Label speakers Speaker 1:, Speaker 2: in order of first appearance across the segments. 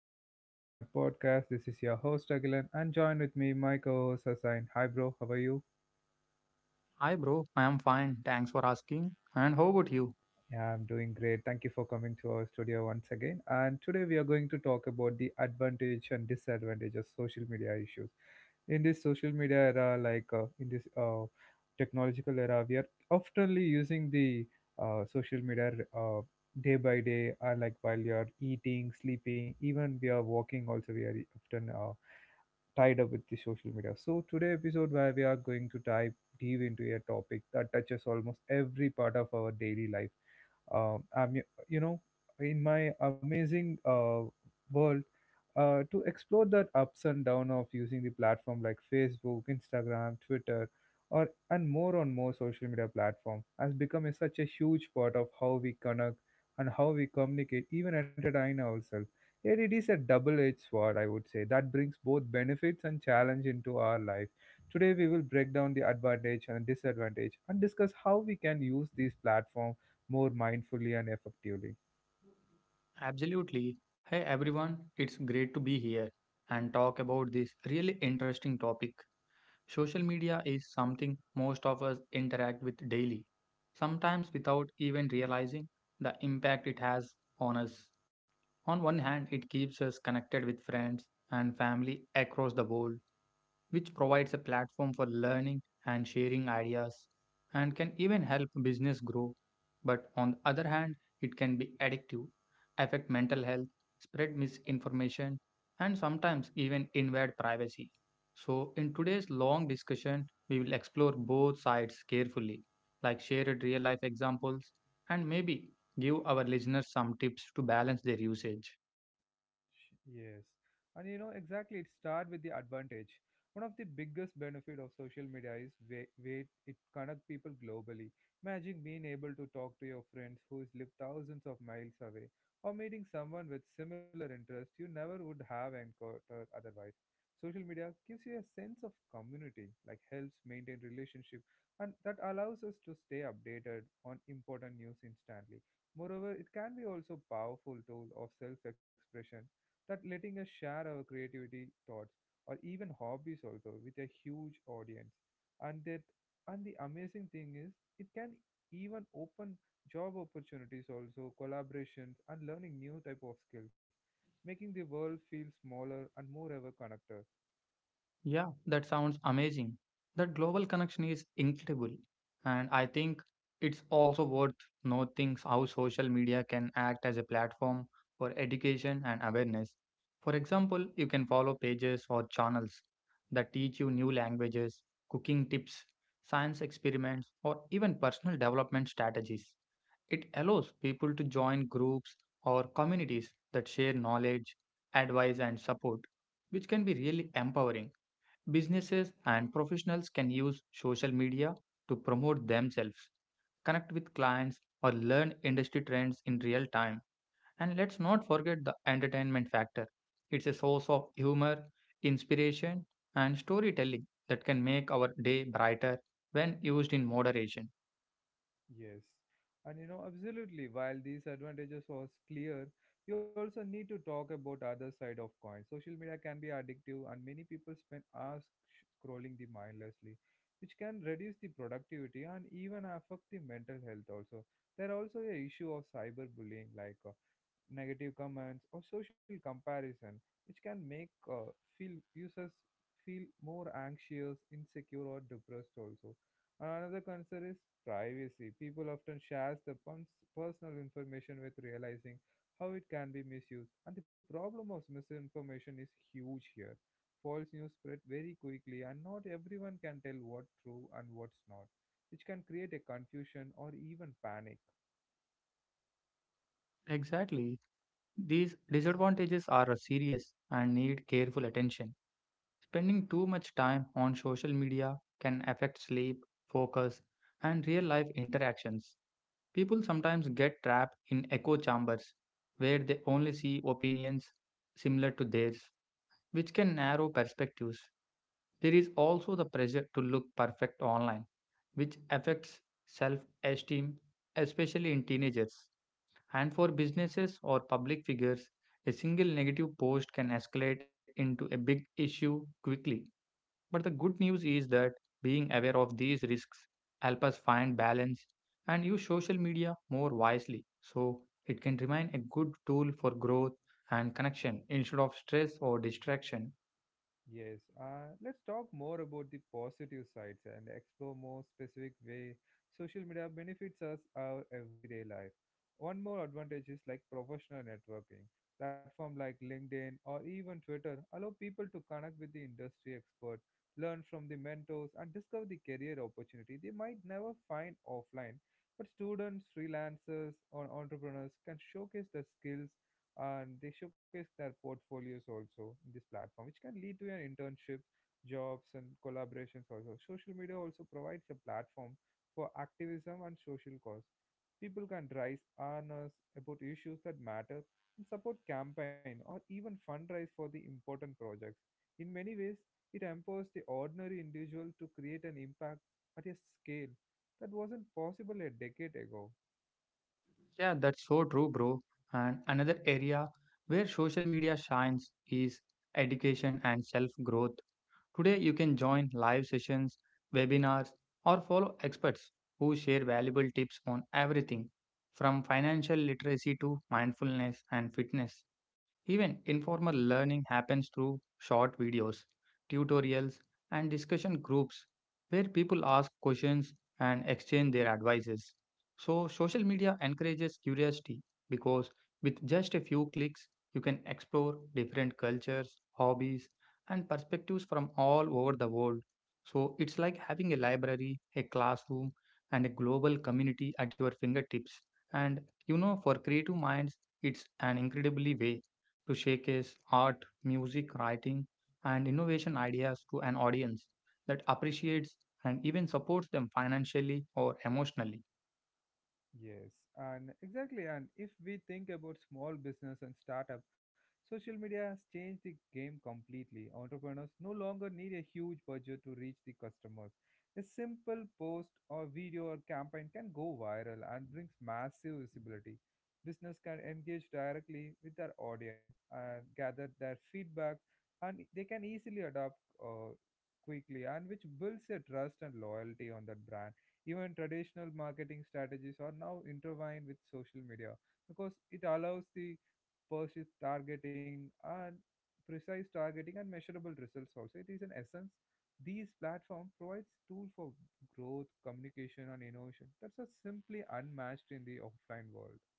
Speaker 1: another episode of my podcast. This is your host Agilan and join with me my co-host Asain. Hi bro, how are you?
Speaker 2: Hi, bro. I am fine. Thanks for asking. And how about you?
Speaker 1: Yeah, I'm doing great. Thank you for coming to our studio once again. And today we are going to talk about the advantage and disadvantage of social media issues. In this social media era, like in this technological era, we are oftenly using the social media uh, day by day, like while you are eating, sleeping, even we are walking. Also, we are often tied up with the social media. So today episode where we are going to dive deep into a topic that touches almost every part of our daily life uh, I'm, you know, in my amazing world, to explore the ups and downs of using the platform like Facebook, Instagram, Twitter, or and more social media platform has become a, such a huge part of how we connect and how we communicate, even entertain ourselves. Yet it is a double-edged sword, I would say, that brings both benefits and challenge into our life. Today we will break down the advantage and disadvantage and discuss how we can use these platforms more mindfully and effectively.
Speaker 2: Absolutely. Hey, everyone. It's great to be here and talk about this really interesting topic. Social media is something most of us interact with daily, sometimes without even realizing the impact it has on us. On one hand, it keeps us connected with friends and family across the world, which provides a platform for learning and sharing ideas and can even help business grow. But on the other hand, it can be addictive, affect mental health, spread misinformation, and sometimes even invade privacy. So, in today's long discussion, we will explore both sides carefully, like shared real life examples, and maybe give our listeners some tips to balance their usage.
Speaker 1: Yes. And you know, exactly, it start with the advantage. One of the biggest benefit of social media is way it connect people globally. Imagine being able to talk to your friends who is live thousands of miles away or meeting someone with similar interest you never would have encountered otherwise. Social media gives you a sense of community, like helps maintain relationship and that allows us to stay updated on important news instantly. Moreover, it can be also powerful tool of self-expression that letting us share our creativity, thoughts, or even hobbies also with a huge audience. And that and the amazing thing is it can even open job opportunities also, collaborations and learning new type of skills, making the world feel smaller and more ever connected.
Speaker 2: Yeah, that sounds amazing. That global connection is incredible. And I think it's also worth noting how social media can act as a platform for education and awareness. For example, you can follow pages or channels that teach you new languages, cooking tips, science experiments, or even personal development strategies. It allows people to join groups or communities that share knowledge, advice, and support, which can be really empowering. Businesses and professionals can use social media to promote themselves, connect with clients, or learn industry trends in real time. And let's not forget the entertainment factor. It's a source of humor, inspiration, and storytelling that can make our day brighter when used in moderation.
Speaker 1: Yes. And you know, absolutely, while these advantages was clear, we also need to talk about other side of coin. Social media can be addictive and many people spend hours scrolling the mindlessly, which can reduce the productivity and even affect the mental health also. There are also a issue of cyberbullying, negative comments, or social comparison, which can make feel users feel more anxious, insecure, or depressed. Also, another concern is privacy. People often share the personal information with realizing how it can be misused, and the problem of misinformation is huge here. False news spread very quickly, and not everyone can tell what's true and what's not, which can create a confusion or even panic.
Speaker 2: Exactly. These disadvantages are serious and need careful attention. Spending too much time on social media can affect sleep, focus, and real life interactions. People sometimes get trapped in echo chambers where they only see opinions similar to theirs, which can narrow perspectives. There is also the pressure to look perfect online, which affects self esteem, especially in teenagers. And for businesses or public figures, a single negative post can escalate into a big issue quickly. But the good news is that being aware of these risks help us find balance and use social media more wisely. So it can remain a good tool for growth and connection instead of stress or distraction.
Speaker 1: Yes, let's talk more about the positive sides and explore more specific way social media benefits us our everyday life. One more advantage is like professional networking. Platform like LinkedIn or even Twitter allow people to connect with the industry expert, learn from the mentors, and discover the career opportunity they might never find offline. But students, freelancers, or entrepreneurs can showcase their skills and they showcase their portfolios also in this platform, which can lead to your internships, jobs, and collaborations also. Social media also provides a platform for activism and social cause. People can raise awareness about issues that matter and support campaign or even fundraise for the important projects. In many ways, it empowers the ordinary individual to create an impact at a scale that wasn't possible a decade ago.
Speaker 2: Yeah, that's so true, bro. And another area where social media shines is education and self growth. Today, you can join live sessions, webinars, or follow experts who share valuable tips on everything from financial literacy to mindfulness and fitness. Even informal learning happens through short videos, tutorials, and discussion groups where people ask questions and exchange their advices. So, social media encourages curiosity because with just a few clicks, you can explore different cultures, hobbies, and perspectives from all over the world. So, it's like having a library, a classroom, and a global community at your fingertips. And you know, for creative minds, it's an incredibly way to showcase art, music, writing, and innovation ideas to an audience that appreciates and even supports them financially or emotionally.
Speaker 1: Yes, and exactly. And if we think about small business and startup, social media has changed the game completely. Entrepreneurs no longer need a huge budget to reach the customers. A simple post or video or campaign can go viral and brings massive visibility. Business can engage directly with their audience and gather their feedback, and they can easily adopt uh, quickly, and which builds a trust and loyalty on that brand. Even traditional marketing strategies are now intertwined with social media because it allows the precise targeting and precise targeting and measurable results also. It is an essence. These platform provides tool for growth, communication and innovation that's are simply unmatched in the offline world.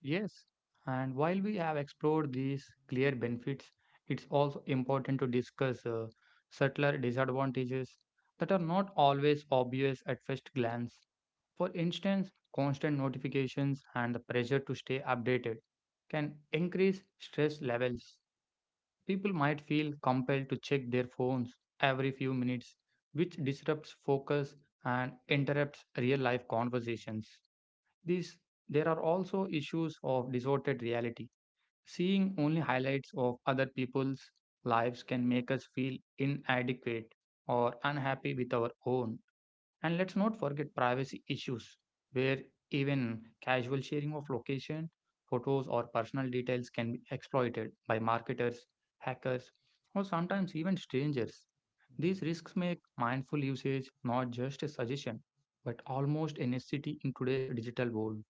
Speaker 2: Yes, and while we have explored these clear benefits, it's also important to discuss subtler disadvantages that are not always obvious at first glance. For instance, constant notifications and the pressure to stay updated can increase stress levels. People might feel compelled to check their phones every few minutes, which disrupts focus and interrupts real life conversations. These, there are also issues of distorted reality. Seeing only highlights of other people's lives can make us feel inadequate or unhappy with our own. And let's not forget privacy issues, where even casual sharing of location, photos, or personal details can be exploited by marketers, hackers, or sometimes even strangers.
Speaker 1: Mm.
Speaker 2: These risks make mindful usage not just a suggestion, but almost a necessity in today's digital world.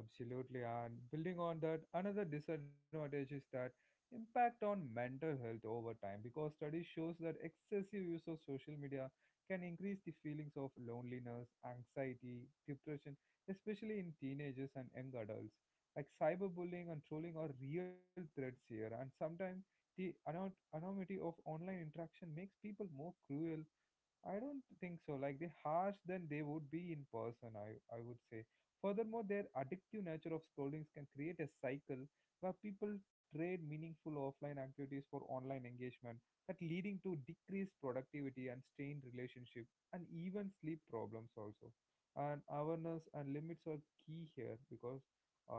Speaker 1: Absolutely, and building on that, another disadvantage is that impact on mental health over time because study shows that excessive use of social media can increase the feelings of loneliness, anxiety, depression, especially in teenagers and young adults. Like cyberbullying and trolling are real threats here, and sometimes the anonymity of online interaction makes people more cruel I don't think so. Like they harsh than they would be in person, I would say. Furthermore, their addictive nature of scrollings can create a cycle where people trade meaningful offline activities for online engagement, that leading to decreased productivity and strained relationship and even sleep problems also. And awareness and limits are key here because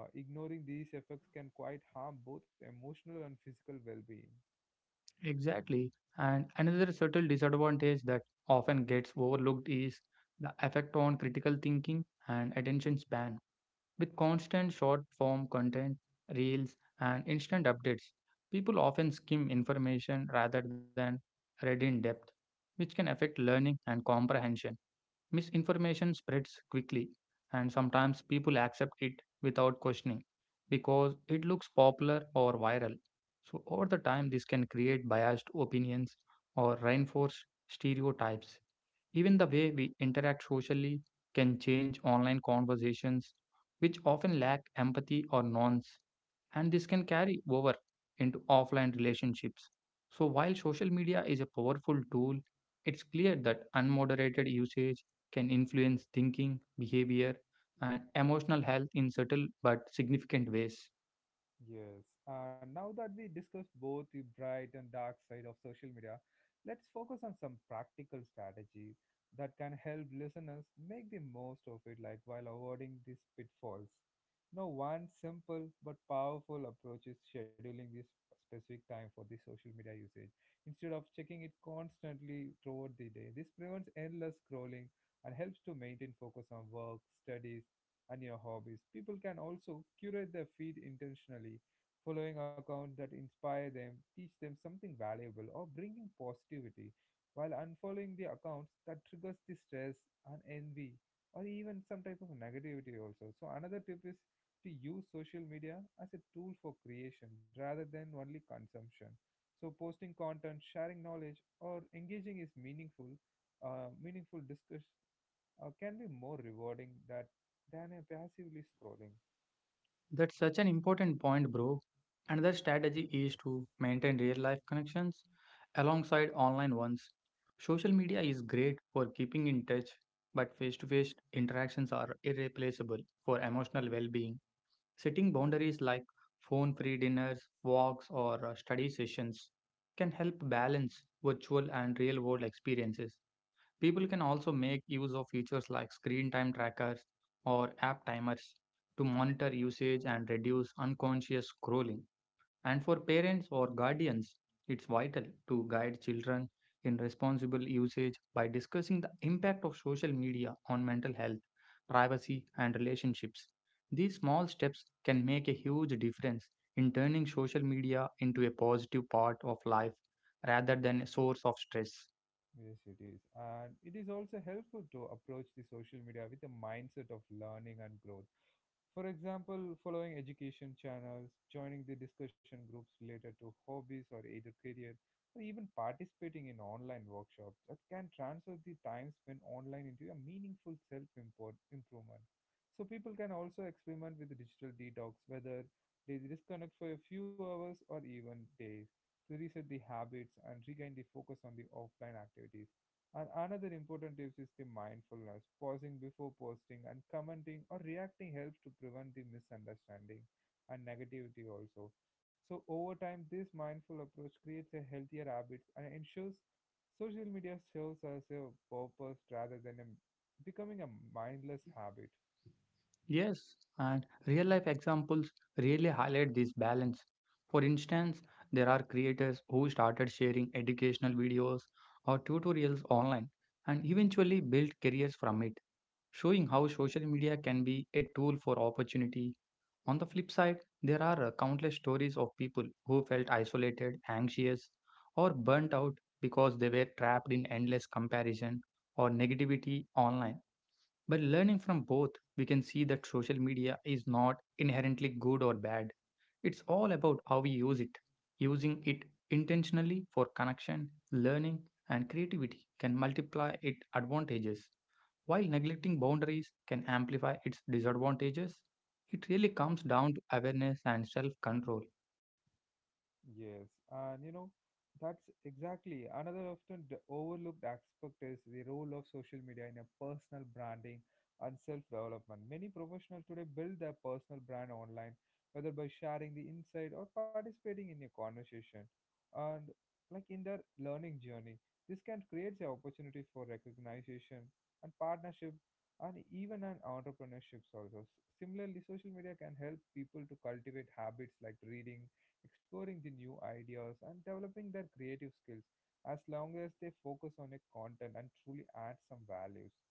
Speaker 1: ignoring these effects can quite harm both emotional and physical well-being.
Speaker 2: Exactly. And another subtle disadvantage that often gets overlooked is the effect on critical thinking and attention span. With constant short form content, reels, and instant updates, people often skim information rather than read in depth, which can affect learning and comprehension. Misinformation spreads quickly, and sometimes people accept it without questioning because it looks popular or viral. So, over the time, this can create biased opinions or reinforce stereotypes. Even the way we interact socially can change online conversations, which often lack empathy or nuance, and this can carry over into offline relationships. So, while social media is a powerful tool, it's clear that unmoderated usage can influence thinking, behavior, and emotional health in subtle but significant ways.
Speaker 1: Yes. Now that we discussed both the bright and dark side of social media, let's focus on some practical strategy that can help listeners make the most of it, like while avoiding these pitfalls. Now, one simple but powerful approach is scheduling this specific time for the social media usage instead of checking it constantly throughout the day. This prevents endless scrolling and helps to maintain focus on work, studies, and your hobbies. People can also curate their feed intentionally, following accounts that inspire them, teach them something valuable, or bringing positivity, while unfollowing the accounts that triggers the stress and envy or even some type of negativity also. So another tip is to use social media as a tool for creation rather than only consumption. So posting content, sharing knowledge, or engaging is meaningful, meaningful discuss can be more rewarding than a passively scrolling.
Speaker 2: That's such an important point, bro. Another strategy is
Speaker 1: Yes.
Speaker 2: to maintain real life connections alongside online ones. Social media is great for keeping in touch, but face to face interactions are irreplaceable for emotional well being. Setting boundaries like phone free dinners, walks, or study sessions can help balance virtual and real world experiences. People can also make use of features like screen time trackers or app timers to monitor usage and reduce unconscious scrolling. And for parents or guardians, it's vital to guide children in responsible usage by discussing the impact of social media on mental health, privacy, and relationships. These small steps can make a huge difference in turning social media into a positive part of life rather than a source of stress.
Speaker 1: Yes, it is. And it is also helpful to approach the social media with a mindset of learning and growth. For example, following education channels, joining the discussion groups related to hobbies or either career, or even participating in online workshops that can transfer the time spent online into a meaningful self improvement. So, people can also experiment with the digital detox, whether they disconnect for a few hours or even days to reset the habits and regain the focus on the offline activities. And another important tip is the mindfulness. Pausing before posting and commenting or reacting helps to prevent the misunderstanding and negativity also. So over time, this mindful approach creates a healthier habit and ensures social media serves as a purpose rather than becoming a mindless habit.
Speaker 2: Yes, and real life examples really highlight this balance. For instance, there are creators who started sharing educational videos or tutorials online and eventually built careers from it, showing how social media can be a tool for opportunity. On the flip side, there are countless stories of people who felt isolated, anxious, or burnt out because they were trapped in endless comparison or negativity online. By learning from both, we can see that social media is not inherently good or bad. It's all about how we use it. Using it intentionally for connection, learning, and creativity can multiply its advantages, while neglecting boundaries can amplify its disadvantages. It really comes down to awareness and self control.
Speaker 1: Yes, and you know, that's exactly another often overlooked aspect is the role of social media in a personal branding and self-development. Many professionals today build their personal brand online, whether by sharing the insight or participating in a conversation, and like in their learning journey, this can create the opportunity for recognition and partnership, and even an entrepreneurship also. Similarly, social media can help people to cultivate habits like reading exploring the new ideas, and developing their creative skills as long as they focus on a content and truly add some values.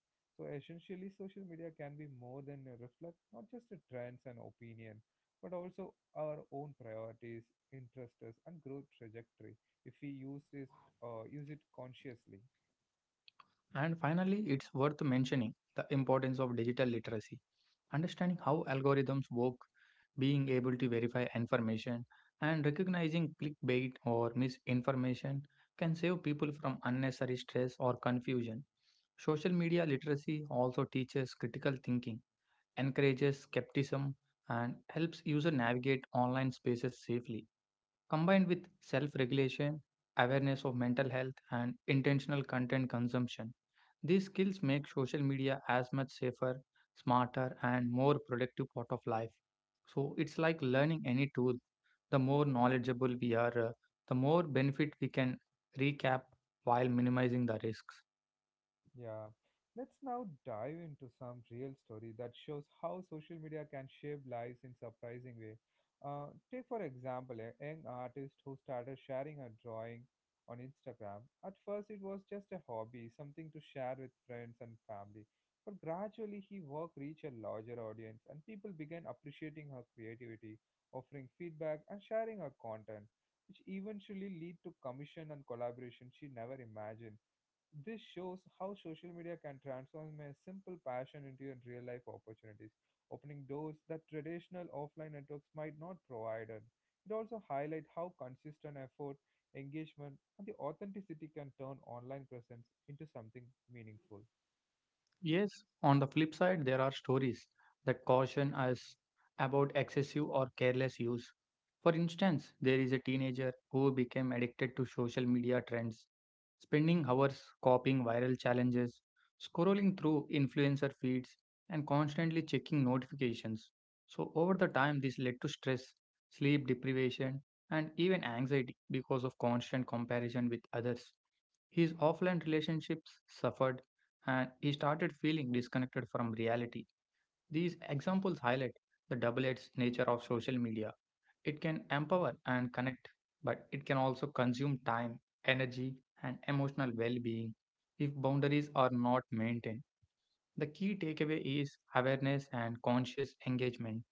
Speaker 1: So essentially, social media can be more than a reflect not just the trends and opinion, but also our own priorities, interests, and growth trajectory if we use it use it consciously.
Speaker 2: And finally, it's worth mentioning the importance of digital literacy. Understanding how algorithms work, being able to verify information, and recognizing clickbait or misinformation can save people from unnecessary stress or confusion. Social media literacy also teaches critical thinking, encourages skepticism, and helps users navigate online spaces safely combined with self regulation, awareness of mental health, and intentional content consumption. These skills make social media as much safer, smarter, and more productive part of life. So it's like learning any tool. The more knowledgeable we are, the more benefit we can recap while minimizing the risks.
Speaker 1: Yeah. Let's now dive into some real story that shows how social media can shape lives in surprising way. Take for example a young artist who started sharing a drawing on Instagram. At first it was just a hobby, something to share with friends and family. But gradually he work reached a larger audience and people began appreciating her creativity, offering feedback and sharing her content, which eventually lead to commission and collaboration she never imagined. This shows how social media can transform a simple passion into a real life opportunities, opening doors that traditional offline networks might not provide. It also highlights how consistent effort, engagement, and the authenticity can turn online presence into something meaningful.
Speaker 2: Yes, on the flip side, there are stories that caution us about excessive or careless use. For instance, there is a teenager who became addicted to social media trends, spending hours copying viral challenges, scrolling through influencer feeds, and constantly checking notifications. So, over the time, this led to stress, sleep deprivation, and even anxiety because of constant comparison with others. His offline relationships suffered and he started feeling disconnected from reality. These examples highlight the double edged nature of social media. It can empower and connect, but it can also consume time, energy, and emotional well being if boundaries are not maintained. The key takeaway is awareness and conscious engagement.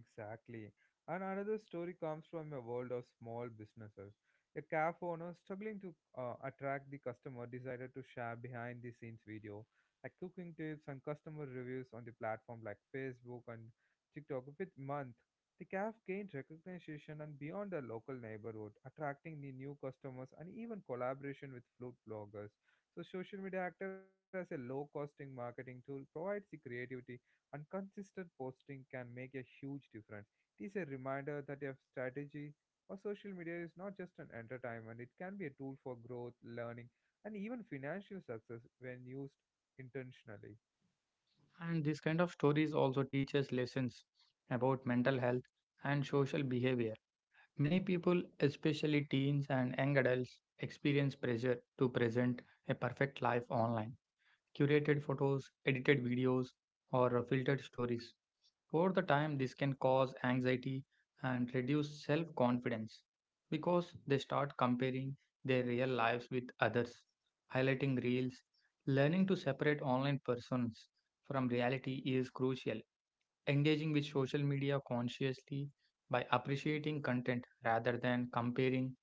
Speaker 1: Exactly. And another story comes from a world of small businesses. A cafe owner struggling to attract the customer decided to share behind the scenes video, like cooking tips and customer reviews on the platform like Facebook and TikTok. With month, the cafe gained recognition and beyond the local neighborhood, attracting the new customers and even collaboration with food bloggers. So social media acted as a low costing marketing tool provides the creativity and consistent posting can make a huge difference. It is a reminder that your strategy or social media is not just an entertainment, it can be a tool for growth, learning, and even financial success when used intentionally.
Speaker 2: And this kind of stories also teaches lessons about mental health and social behavior. Many people, especially teens and young adults, experience pressure to present a perfect life online. Curated photos, edited videos, or filtered stories. Over the time, this can cause anxiety and reduce self confidence because they start comparing their real lives with others, highlighting reels. Learning to separate online persons from reality is crucial. Engaging with social media consciously by appreciating content rather than comparing,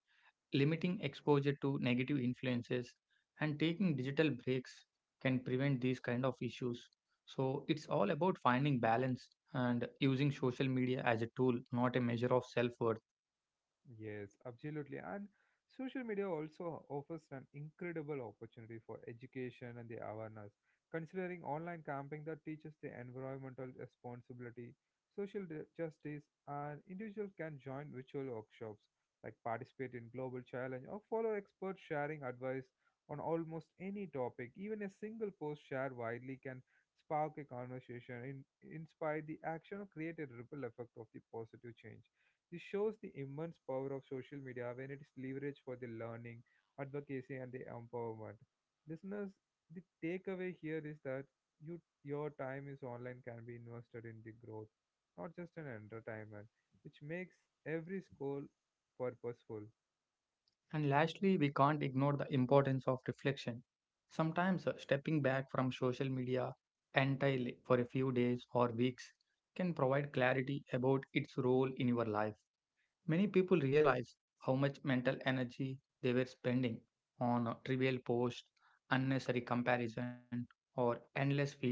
Speaker 2: limiting exposure to negative influences, and taking digital breaks can prevent these kind of issues. So it's all about finding balance and using social media as a tool, not a measure of self worth.
Speaker 1: Yes, absolutely. And social media also offers an incredible opportunity for education and the awareness. Considering online camping that teaches the environmental responsibility, social justice, and individuals can join virtual workshops, like participate in global challenge or follow experts sharing advice on almost any topic. Even a single post shared widely can spark a conversation, inspire the action, or create a ripple effect of the positive change. This shows the immense power of social media when it is leveraged for the learning, advocacy, and the empowerment. Listeners, the takeaway here is that your time is online can be invested in the growth, not just an entertainment, which makes every school purposeful.
Speaker 2: And lastly, we can't ignore the importance of reflection. Sometimes stepping back from social media entirely for a few days or weeks can provide clarity about its role in your life. Many people realize how much mental energy they were spending on trivial posts, unnecessary comparison, or endless feeds.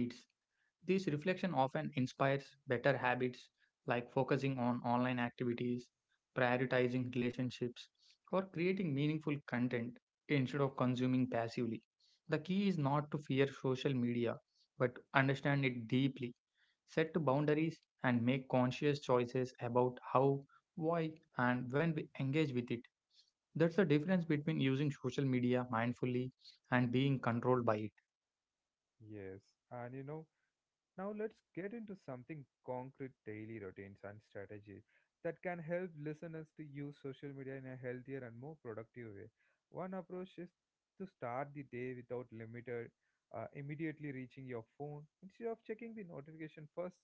Speaker 2: This reflection often inspires better habits like focusing on online activities, prioritizing relationships, or creating meaningful content instead of consuming passively. The key is not to fear social media, but to understand it deeply, set to boundaries, and make conscious choices about how, why, and when we engage with it. That's the difference between using social media mindfully and being controlled by it.
Speaker 1: Yes, and you know, now let's get into something concrete daily routines and strategies that can help listeners to use social media in a healthier and more productive way. One approach is to start the day without limited immediately reaching your phone instead of checking the notification first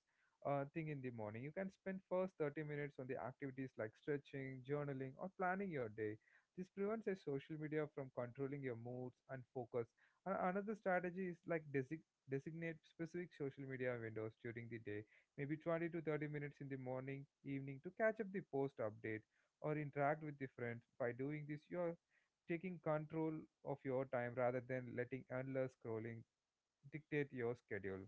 Speaker 1: thing in the morning. You can spend first 30 minutes on the activities like stretching, journaling or planning your day. This prevents a social media from controlling your moods and focus. And another strategy is like designate specific social media windows during the day, maybe 20 to 30 minutes in the morning, evening to catch up the post update or interact with the friends. By doing this, you are taking control of your time rather than letting endless scrolling dictate your schedule.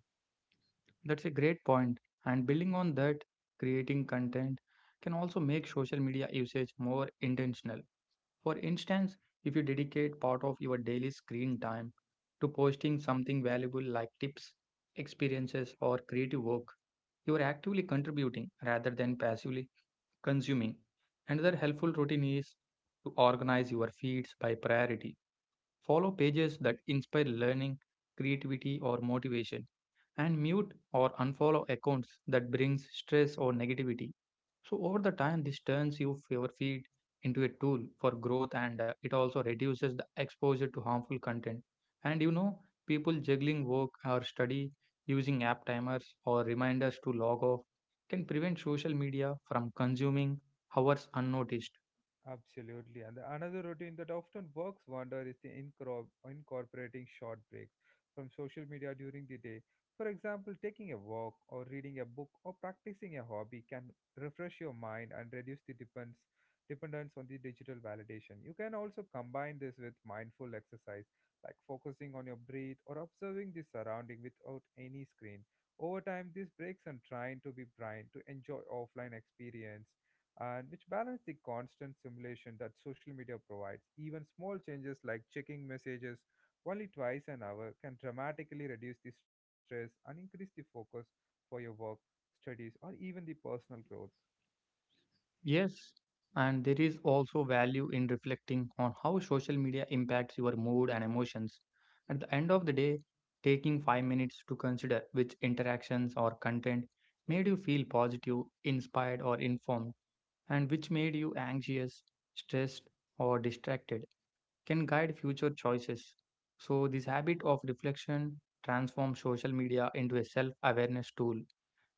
Speaker 2: That's a great point. And building on that, creating content can also make social media usage more intentional. For instance, if you dedicate part of your daily screen time to posting something valuable like tips, experiences, or creative work, you are actively contributing rather than passively consuming. Another helpful routine is to organize your feeds by priority. Follow pages that inspire learning, creativity, or motivation, and mute or unfollow accounts that brings stress or negativity. So over the time, this turns your feed into a tool for growth, and it also reduces the exposure to harmful content. And you know, People juggling work or study, using app timers or reminders to log off, can prevent social media from consuming hours unnoticed.
Speaker 1: Absolutely. And another routine that often works wonder is the incorporating short breaks from social media during the day. For example, taking a walk or reading a book or practicing a hobby can refresh your mind and reduce the dependence on the digital validation. You can also combine this with mindful exercise like focusing on your breath or observing the surrounding without any screen. Over time, these breaks and trying to be blind to enjoy offline experience and which balance the constant simulation that social media provides. Even small changes like checking messages only twice an hour can dramatically reduce the stress and increase the focus for your work, studies, or even the personal growth.
Speaker 2: Yes, and there is also value in reflecting on how social media impacts your mood and emotions. At the end of the day, taking 5 minutes to consider which interactions or content made you feel positive, inspired, or informed, and which made you anxious, stressed, or distracted can guide future choices. So, this habit of reflection transforms social media into a self awareness tool.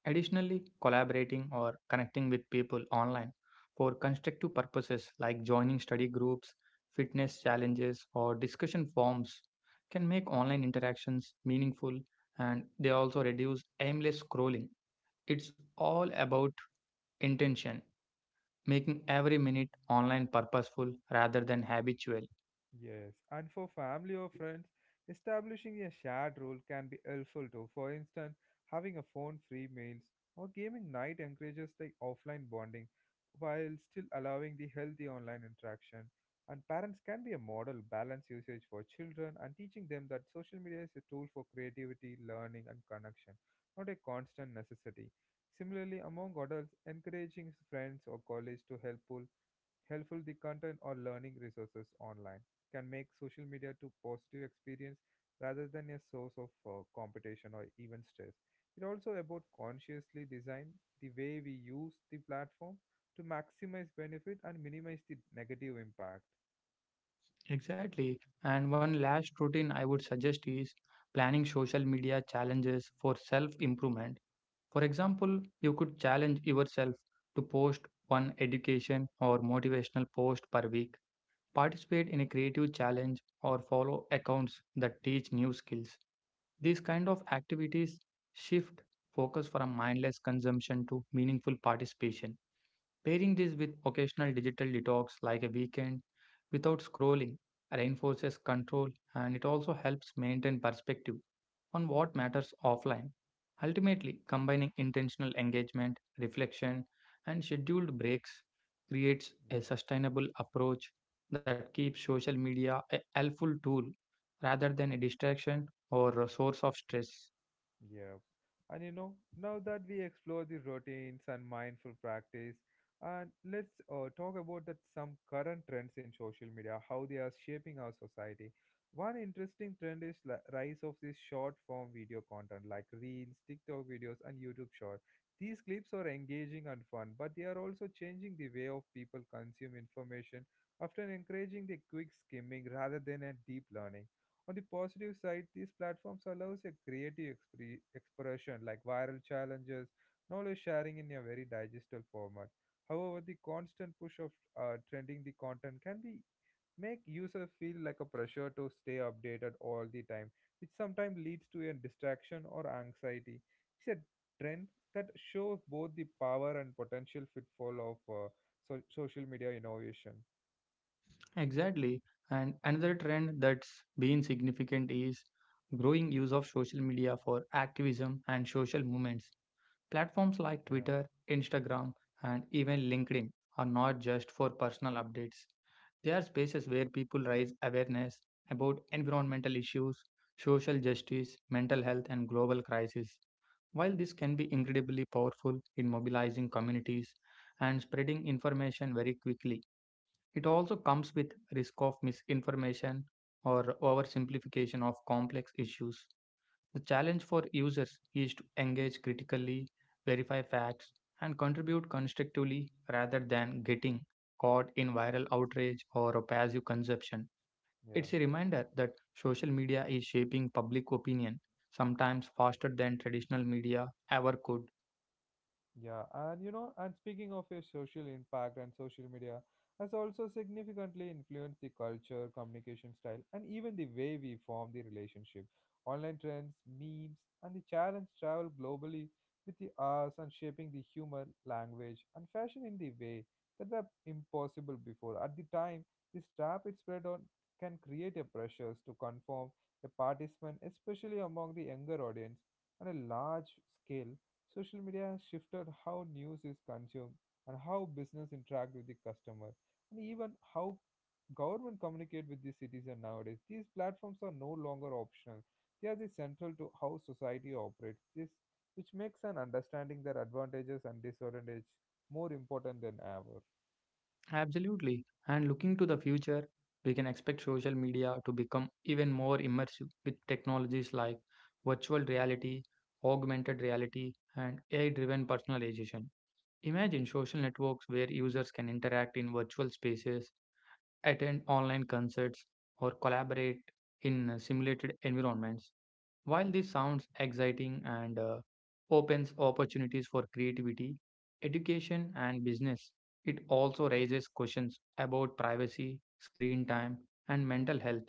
Speaker 2: Additionally, collaborating or connecting with people online for constructive purposes like joining study groups, fitness challenges, or discussion forums can make online interactions meaningful, and they also reduce aimless scrolling. It's all about intention, making every minute online purposeful rather than habitual.
Speaker 1: Yes, and for family or friends, establishing a shared role can be helpful too. For instance, having a phone-free meals or gaming night encourages the offline bonding while still allowing the healthy online interaction. And parents can be a model balance usage for children and teaching them that social media is a tool for creativity, learning, and connection, not a constant necessity. Similarly, among adults, encouraging friends or colleagues to helpful the content or learning resources online can make social media to positive experience rather than a source of competition or even stress. It also about consciously design the way we use the platform to maximize benefit and minimize the negative impact.
Speaker 2: Exactly. And one last routine I would suggest is planning social media challenges for self improvement. For example, you could challenge yourself to post one education or motivational post per week, participate in a creative challenge, or follow accounts that teach new skills. These kind of activities shift focus from mindless consumption to meaningful participation. Pairing this with occasional digital detox like a weekend without scrolling reinforces control, and it also helps maintain perspective on what matters offline. Ultimately, combining intentional engagement, reflection, and scheduled breaks creates a
Speaker 1: Yeah.
Speaker 2: sustainable approach that keeps social media a helpful tool rather than a distraction or a source of stress.
Speaker 1: Yep. And you know, now that we explore the routines and mindful practice, and let's talk about that some current trends in social media, how they are shaping our society. One interesting trend is rise of this short form video content like reels, TikTok videos, and YouTube short. These clips are engaging and fun, but they are also changing the way of people consume information, often encouraging the quick skimming rather than a deep learning. On the positive side, these platforms allows a creative expression like viral challenges, knowledge sharing in a very digestible format. However, the constant push of trending the content can be make user feel like a pressure to stay updated all the time, which sometimes leads to a distraction or anxiety. It's a trend that shows both the power and potential pitfall of social media innovation.
Speaker 2: Exactly. And another trend that's been significant is growing use of social media for activism and social movements. Platforms like
Speaker 1: Yeah,
Speaker 2: Twitter, Instagram, and even LinkedIn are not just for personal updates. They are spaces where people raise awareness about environmental issues, social justice, mental health, and global crises. While this can be incredibly powerful in mobilizing communities and spreading information very quickly, it also comes with risk of misinformation or oversimplification of complex issues. The challenge for users is to engage critically, verify facts, and contribute constructively rather than getting caught in viral outrage or passive consumption.
Speaker 1: yeah.
Speaker 2: It's a reminder that social media is shaping public opinion sometimes faster than traditional media ever could.
Speaker 1: Yeah, and you know, and speaking of your social impact and social media has also significantly influenced the culture, communication style, and even the way we form the relationship. Online trends, memes, and the challenge travel globally with the arts and shaping the humor, language, and fashion in the way that were impossible before. At the time, this rapid spread on can create a pressures to conform a participant, especially among the younger audience, on a large scale. Social media has shifted how news is consumed and how business interact with the customer and even how government communicate with the citizen nowadays. These platforms are no longer optional. They are the central to how society operates, which makes an understanding their advantages and disadvantages more important than ever.
Speaker 2: Absolutely. And looking to the future, we can expect social media to become even more immersive with technologies like virtual reality, augmented reality, and AI driven personalization. Imagine social networks where users can interact in virtual spaces, attend online concerts, or collaborate in simulated environments. While this sounds exciting and opens opportunities for creativity, education, and business, it also raises questions about privacy, screen time, and mental health.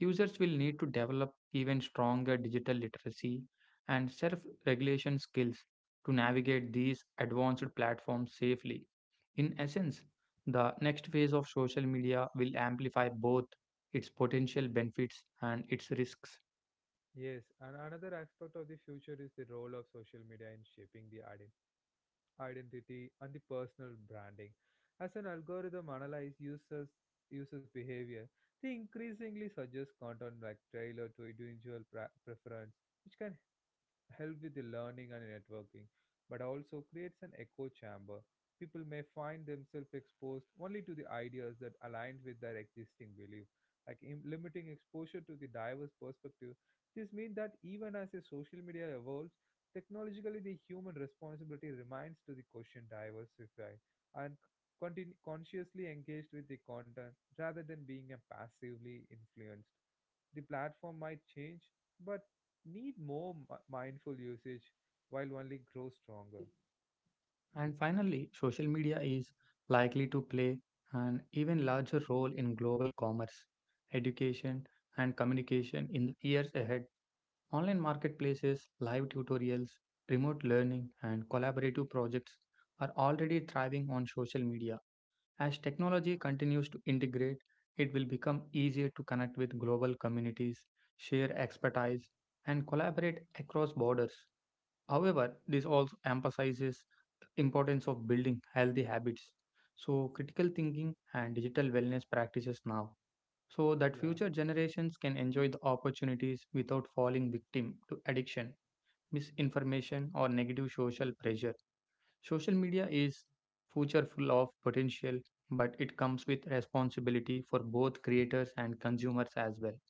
Speaker 2: Users will need to develop even stronger digital literacy and self regulation skills to navigate these advanced platforms safely. In essence, the next phase of social media will amplify both its potential benefits and its risks.
Speaker 1: Yes, and another aspect of the future is the role of social media in shaping the identity and the personal branding. As an algorithm analyzes users behavior, they increasingly suggest content like tailored to individual preference, which can help with the learning and networking, but also creates an echo chamber. People may find themselves exposed only to the ideas that align with their existing belief. Like limiting exposure to the diverse perspective, this means that even as a social media evolves, technologically the human responsibility remains to the question diversify and consciously engaged with the content rather than being a passively influenced. The platform might change, but need more mindful usage while only grow stronger.
Speaker 2: And finally, social media is likely to play an even larger role in global commerce, education, and communication in the years ahead. Online marketplaces, live tutorials, remote learning, and collaborative projects are already thriving on social media. As technology continues to integrate, it will become easier to connect with global communities, share expertise, and collaborate across borders. However, this also emphasizes the importance of building healthy habits. So, critical thinking and digital wellness practices now, so that
Speaker 1: Yeah.
Speaker 2: future generations can enjoy the opportunities without falling victim to addiction, misinformation, or negative social pressure. Social media is future full of potential, but it comes with responsibility for both creators and consumers as well.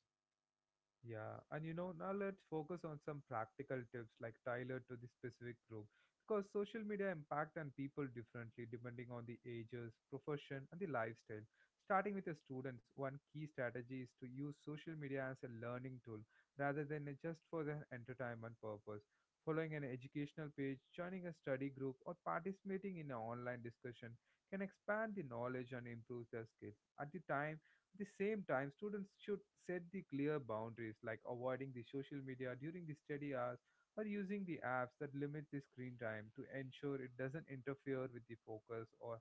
Speaker 1: Yeah, and you know, now let's focus on some practical tips like tailored to the specific group because social media impact on people differently depending on the ages, profession, and the lifestyle. Starting with the students, one key strategy is to use social media as a learning tool rather than just for their entertainment purpose. Following an educational page, joining a study group, or participating in an online discussion can expand the knowledge and improve their skills. At the same time, students should set the clear boundaries like avoiding the social media during the study hours or using the apps that limit the screen time to ensure it doesn't interfere with the focus or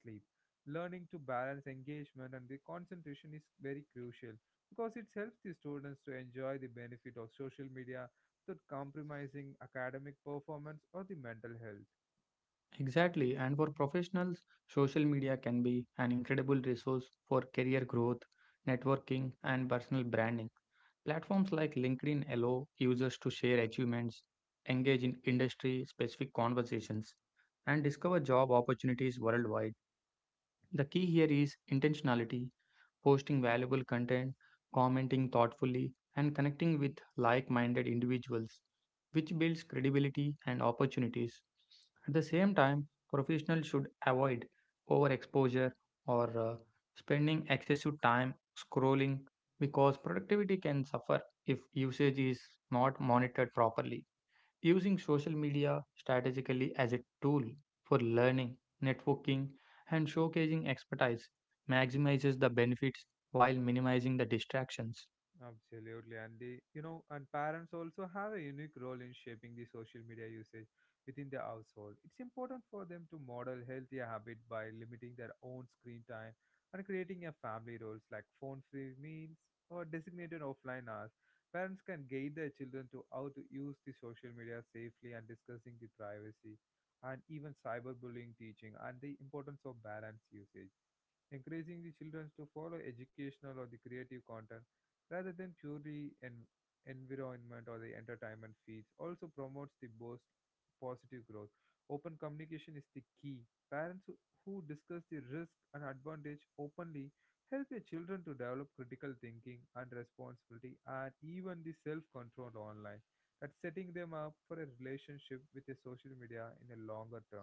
Speaker 1: sleep. Learning to balance engagement and the concentration is very crucial because it helps the students to enjoy the benefit of social media without compromising academic performance or the mental health.
Speaker 2: Exactly. And for professionals, social media can be an incredible resource for career growth, networking, and personal branding. Platforms like LinkedIn allow users to share achievements, engage in industry specific conversations, and discover job opportunities worldwide. The key here is intentionality posting valuable content, commenting thoughtfully, and connecting with like minded individuals, which builds credibility and opportunities. At the same time, professionals should avoid overexposure or spending excessive time scrolling because productivity can suffer if usage is not monitored properly. Using social media strategically as a tool for learning, networking, and showcasing expertise maximizes the benefits while minimizing the distractions.
Speaker 1: Absolutely, and and parents also have a unique role in shaping the social media usage within the household. It's important for them to model healthier habit by limiting their own screen time and creating a family rules like phone-free meals or designated offline hours. Parents can guide their children to how to use the social media safely and discussing the privacy and even cyberbullying teaching and the importance of balanced usage. Encouraging the children to follow educational or the creative content rather than purely environment or the entertainment feeds also promotes the both positive growth. Open communication is the key. Parents who discuss the risk and advantage openly help their children to develop critical thinking and responsibility and even the self-control online, that setting them up for a relationship with the social media in a longer term.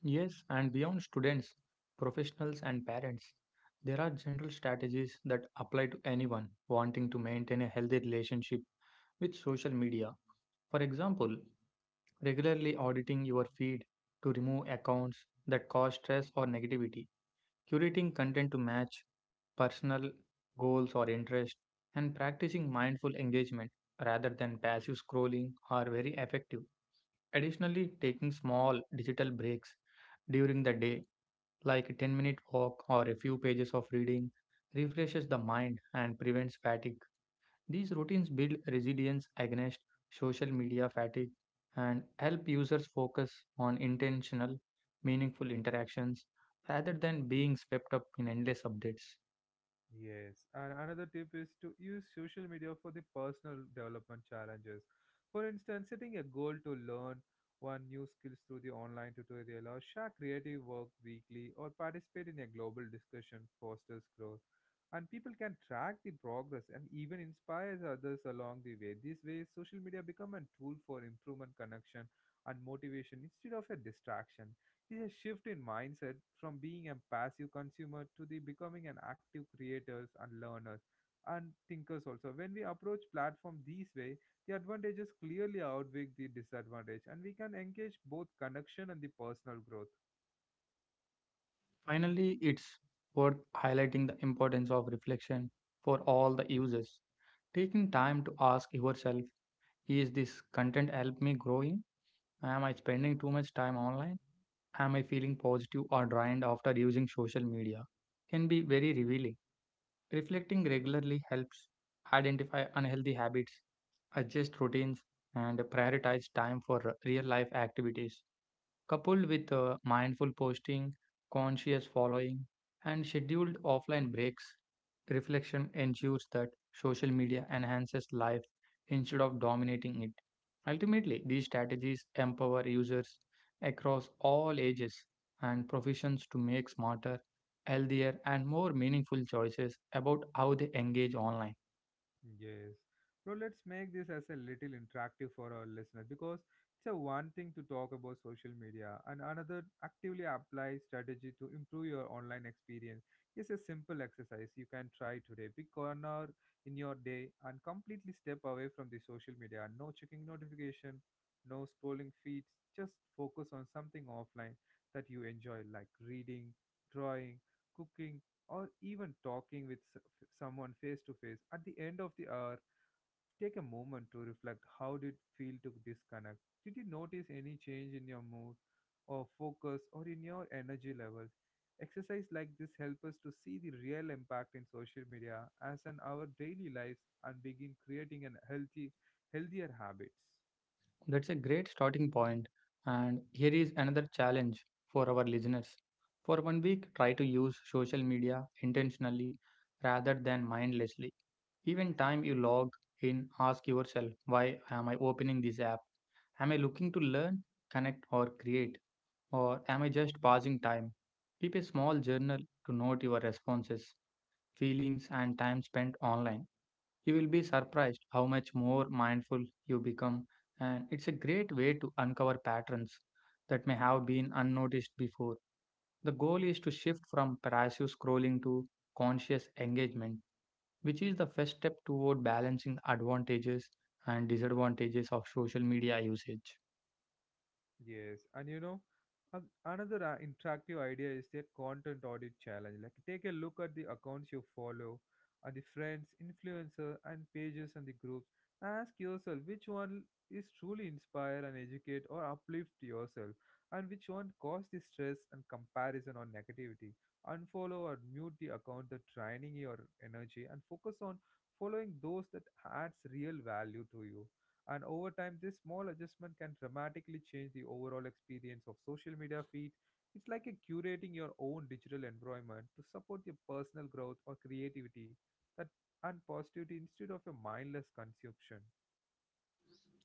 Speaker 2: Yes, and beyond students, professionals, and parents, there are general strategies that apply to anyone wanting to maintain a healthy relationship with social media. For example, regularly auditing your feed to remove accounts that cause stress or negativity, curating content to match personal goals or interests, and practicing mindful engagement rather than passive scrolling are very effective. Additionally, taking small digital breaks during the day, like a 10-minute walk or a few pages of reading, refreshes the mind and prevents fatigue. These routines build resilience against social media fatigue and help users focus on intentional, meaningful interactions rather than being swept up in endless updates.
Speaker 1: Yes, and another tip is to use social media for the personal development challenges. For instance, setting a goal to learn one new skills through the online tutorial or share creative work weekly or participate in a global discussion fosters growth. And people can track the progress and even inspires others along the way. This way, social media become a tool for improvement, connection, and motivation instead of a distraction. There's a shift in mindset from being a passive consumer to the becoming an active creators and learners and thinkers also. When we approach platform this way, the advantages clearly outweigh the disadvantage and we can engage both connection and the personal growth.
Speaker 2: Finally, it's worth highlighting the importance of reflection for all the users. Taking time to ask yourself, is this content help me growing? Am I spending too much time online? Am I feeling positive or drained after using social media? Can be very revealing. Reflecting regularly helps identify unhealthy habits, adjust routines, and prioritize time for real life activities. Coupled with mindful posting, conscious following, and scheduled offline breaks, reflection ensures that social media enhances life instead of dominating it. Ultimately, these strategies empower users across all ages and professions to make smarter, healthier, and more meaningful choices about how they engage online.
Speaker 1: Yes. Bro, let's make this as a little interactive for our listeners because it's a one thing to talk about social media and another actively apply strategy to improve your online experience. It's a simple exercise you can try today. Pick corner in your day and completely step away from the social media. No checking notification, no scrolling feeds. Just focus on something offline that you enjoy like reading, drawing, cooking, or even talking with someone face to face. At the end of the hour, take a moment to reflect. How did it feel to disconnect? Did you notice any change in your mood or focus or in your energy levels? Exercise like this help us to see the real impact in social media as in our daily lives and begin creating an healthy healthier habits.
Speaker 2: That's a great starting point. And here is another challenge for our listeners. For 1 week, try to use social media intentionally rather than mindlessly. Even time you log in, ask yourself, why am I opening this app? Am I looking to learn, connect, or create? Or am I just passing time? Keep a small journal to note your responses, feelings, and time spent online. You will be surprised how much more mindful you become, and it's a great way to uncover patterns that may have been unnoticed before. The goal is to shift from passive scrolling to conscious engagement, which is the first step toward balancing advantages and disadvantages of social media usage.
Speaker 1: Yes, and you know, another interactive idea is the content audit challenge. Like, take a look at the accounts you follow, and the friends, influencer, and pages and the groups. Ask yourself which one is truly inspire and educate or uplift yourself, and which one cause the stress and comparison or negativity. Unfollow or mute the account that draining your energy, and focus on following those that adds real value to you. And over time, this small adjustment can dramatically change the overall experience of social media feed. It's like a curating your own digital environment to support your personal growth or creativity that and positivity instead of a mindless consumption.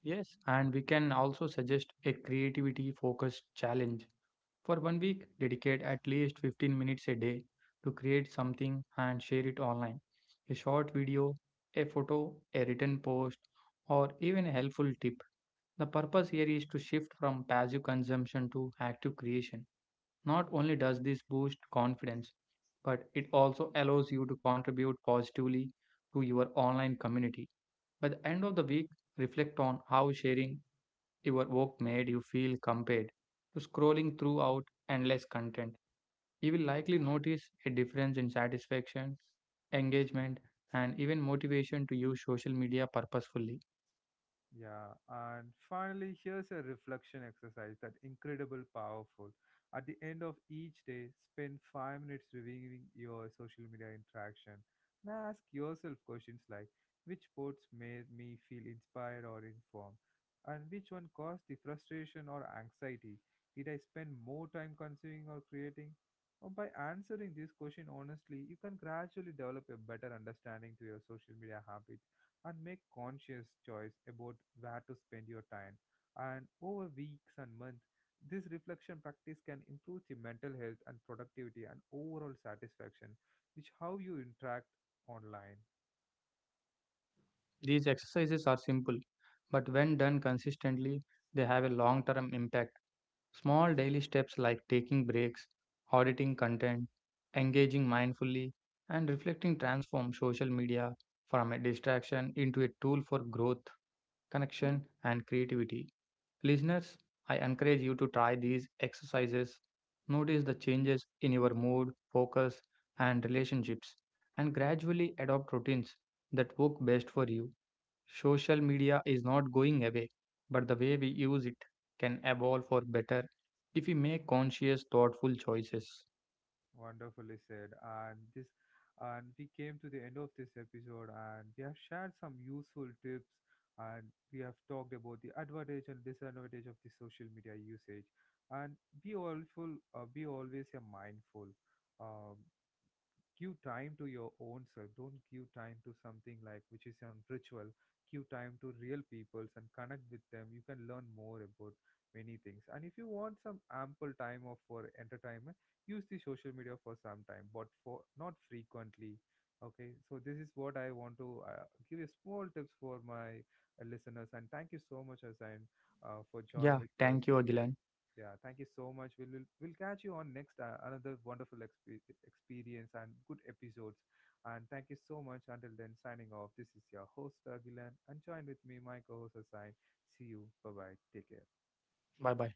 Speaker 2: Yes, and we can also suggest a creativity focused challenge. For 1 week, dedicate at least 15 minutes a day to create something and share it online. A short video, a photo, a written post, or even a helpful tip. The purpose here is to shift from passive consumption to active creation. Not only does this boost confidence, but it also allows you to contribute positively to your online community. By the end of the week, reflect on how sharing your work made you feel compared to scrolling throughout endless content. You will likely notice a difference in satisfaction, engagement, and even motivation to use social media purposefully.
Speaker 1: Yeah, and finally, here's a reflection exercise that incredible powerful. At the end of each day, spend 5 minutes reviewing your social media interaction and ask yourself questions like which posts made me feel inspired or informed, and which one caused the frustration or anxiety. Did I spend more time consuming or creating? Or by answering this question honestly, you can gradually develop a better understanding to your social media habits and make conscious choice about where to spend your time. And over weeks and months, this reflection practice can improve the mental health and productivity and overall satisfaction, which how you interact online.
Speaker 2: These exercises are simple, but when done consistently, they have a long term impact. Small daily steps like taking breaks, auditing content, engaging mindfully, and reflecting transform social media from a distraction into a tool for growth, connection, and creativity. Listeners, I encourage you to try these exercises. Notice the changes in your mood, focus, and relationships, and gradually adopt routines that work best for you. Social media is not going away, but the way we use it can evolve for better if we make conscious, thoughtful choices.
Speaker 1: Wonderfully said. And this and we came to the end of this episode and we have shared some useful tips and we have talked about the advantage and disadvantage of the social media usage and be all full be always mindful. um, Give time to your own self, don't give time to something like which is on ritual, give time to real peoples and connect with them. You can learn more about many things, and if you want some ample time of for entertainment, use the social media for some time but for not frequently. Okay, so this is what I want to give you small tips for my listeners. And thank you so much, Asan, for joining
Speaker 2: Yeah,
Speaker 1: with us
Speaker 2: thank you,
Speaker 1: today.
Speaker 2: Agilan.
Speaker 1: Yeah, thank you so much. We'll catch you on next another wonderful experience and good episodes. And thank you so much. Until then, signing off. This is your host Agilan, and join with me, my co-host Asain. See you. Bye bye. Take care.
Speaker 2: Bye bye.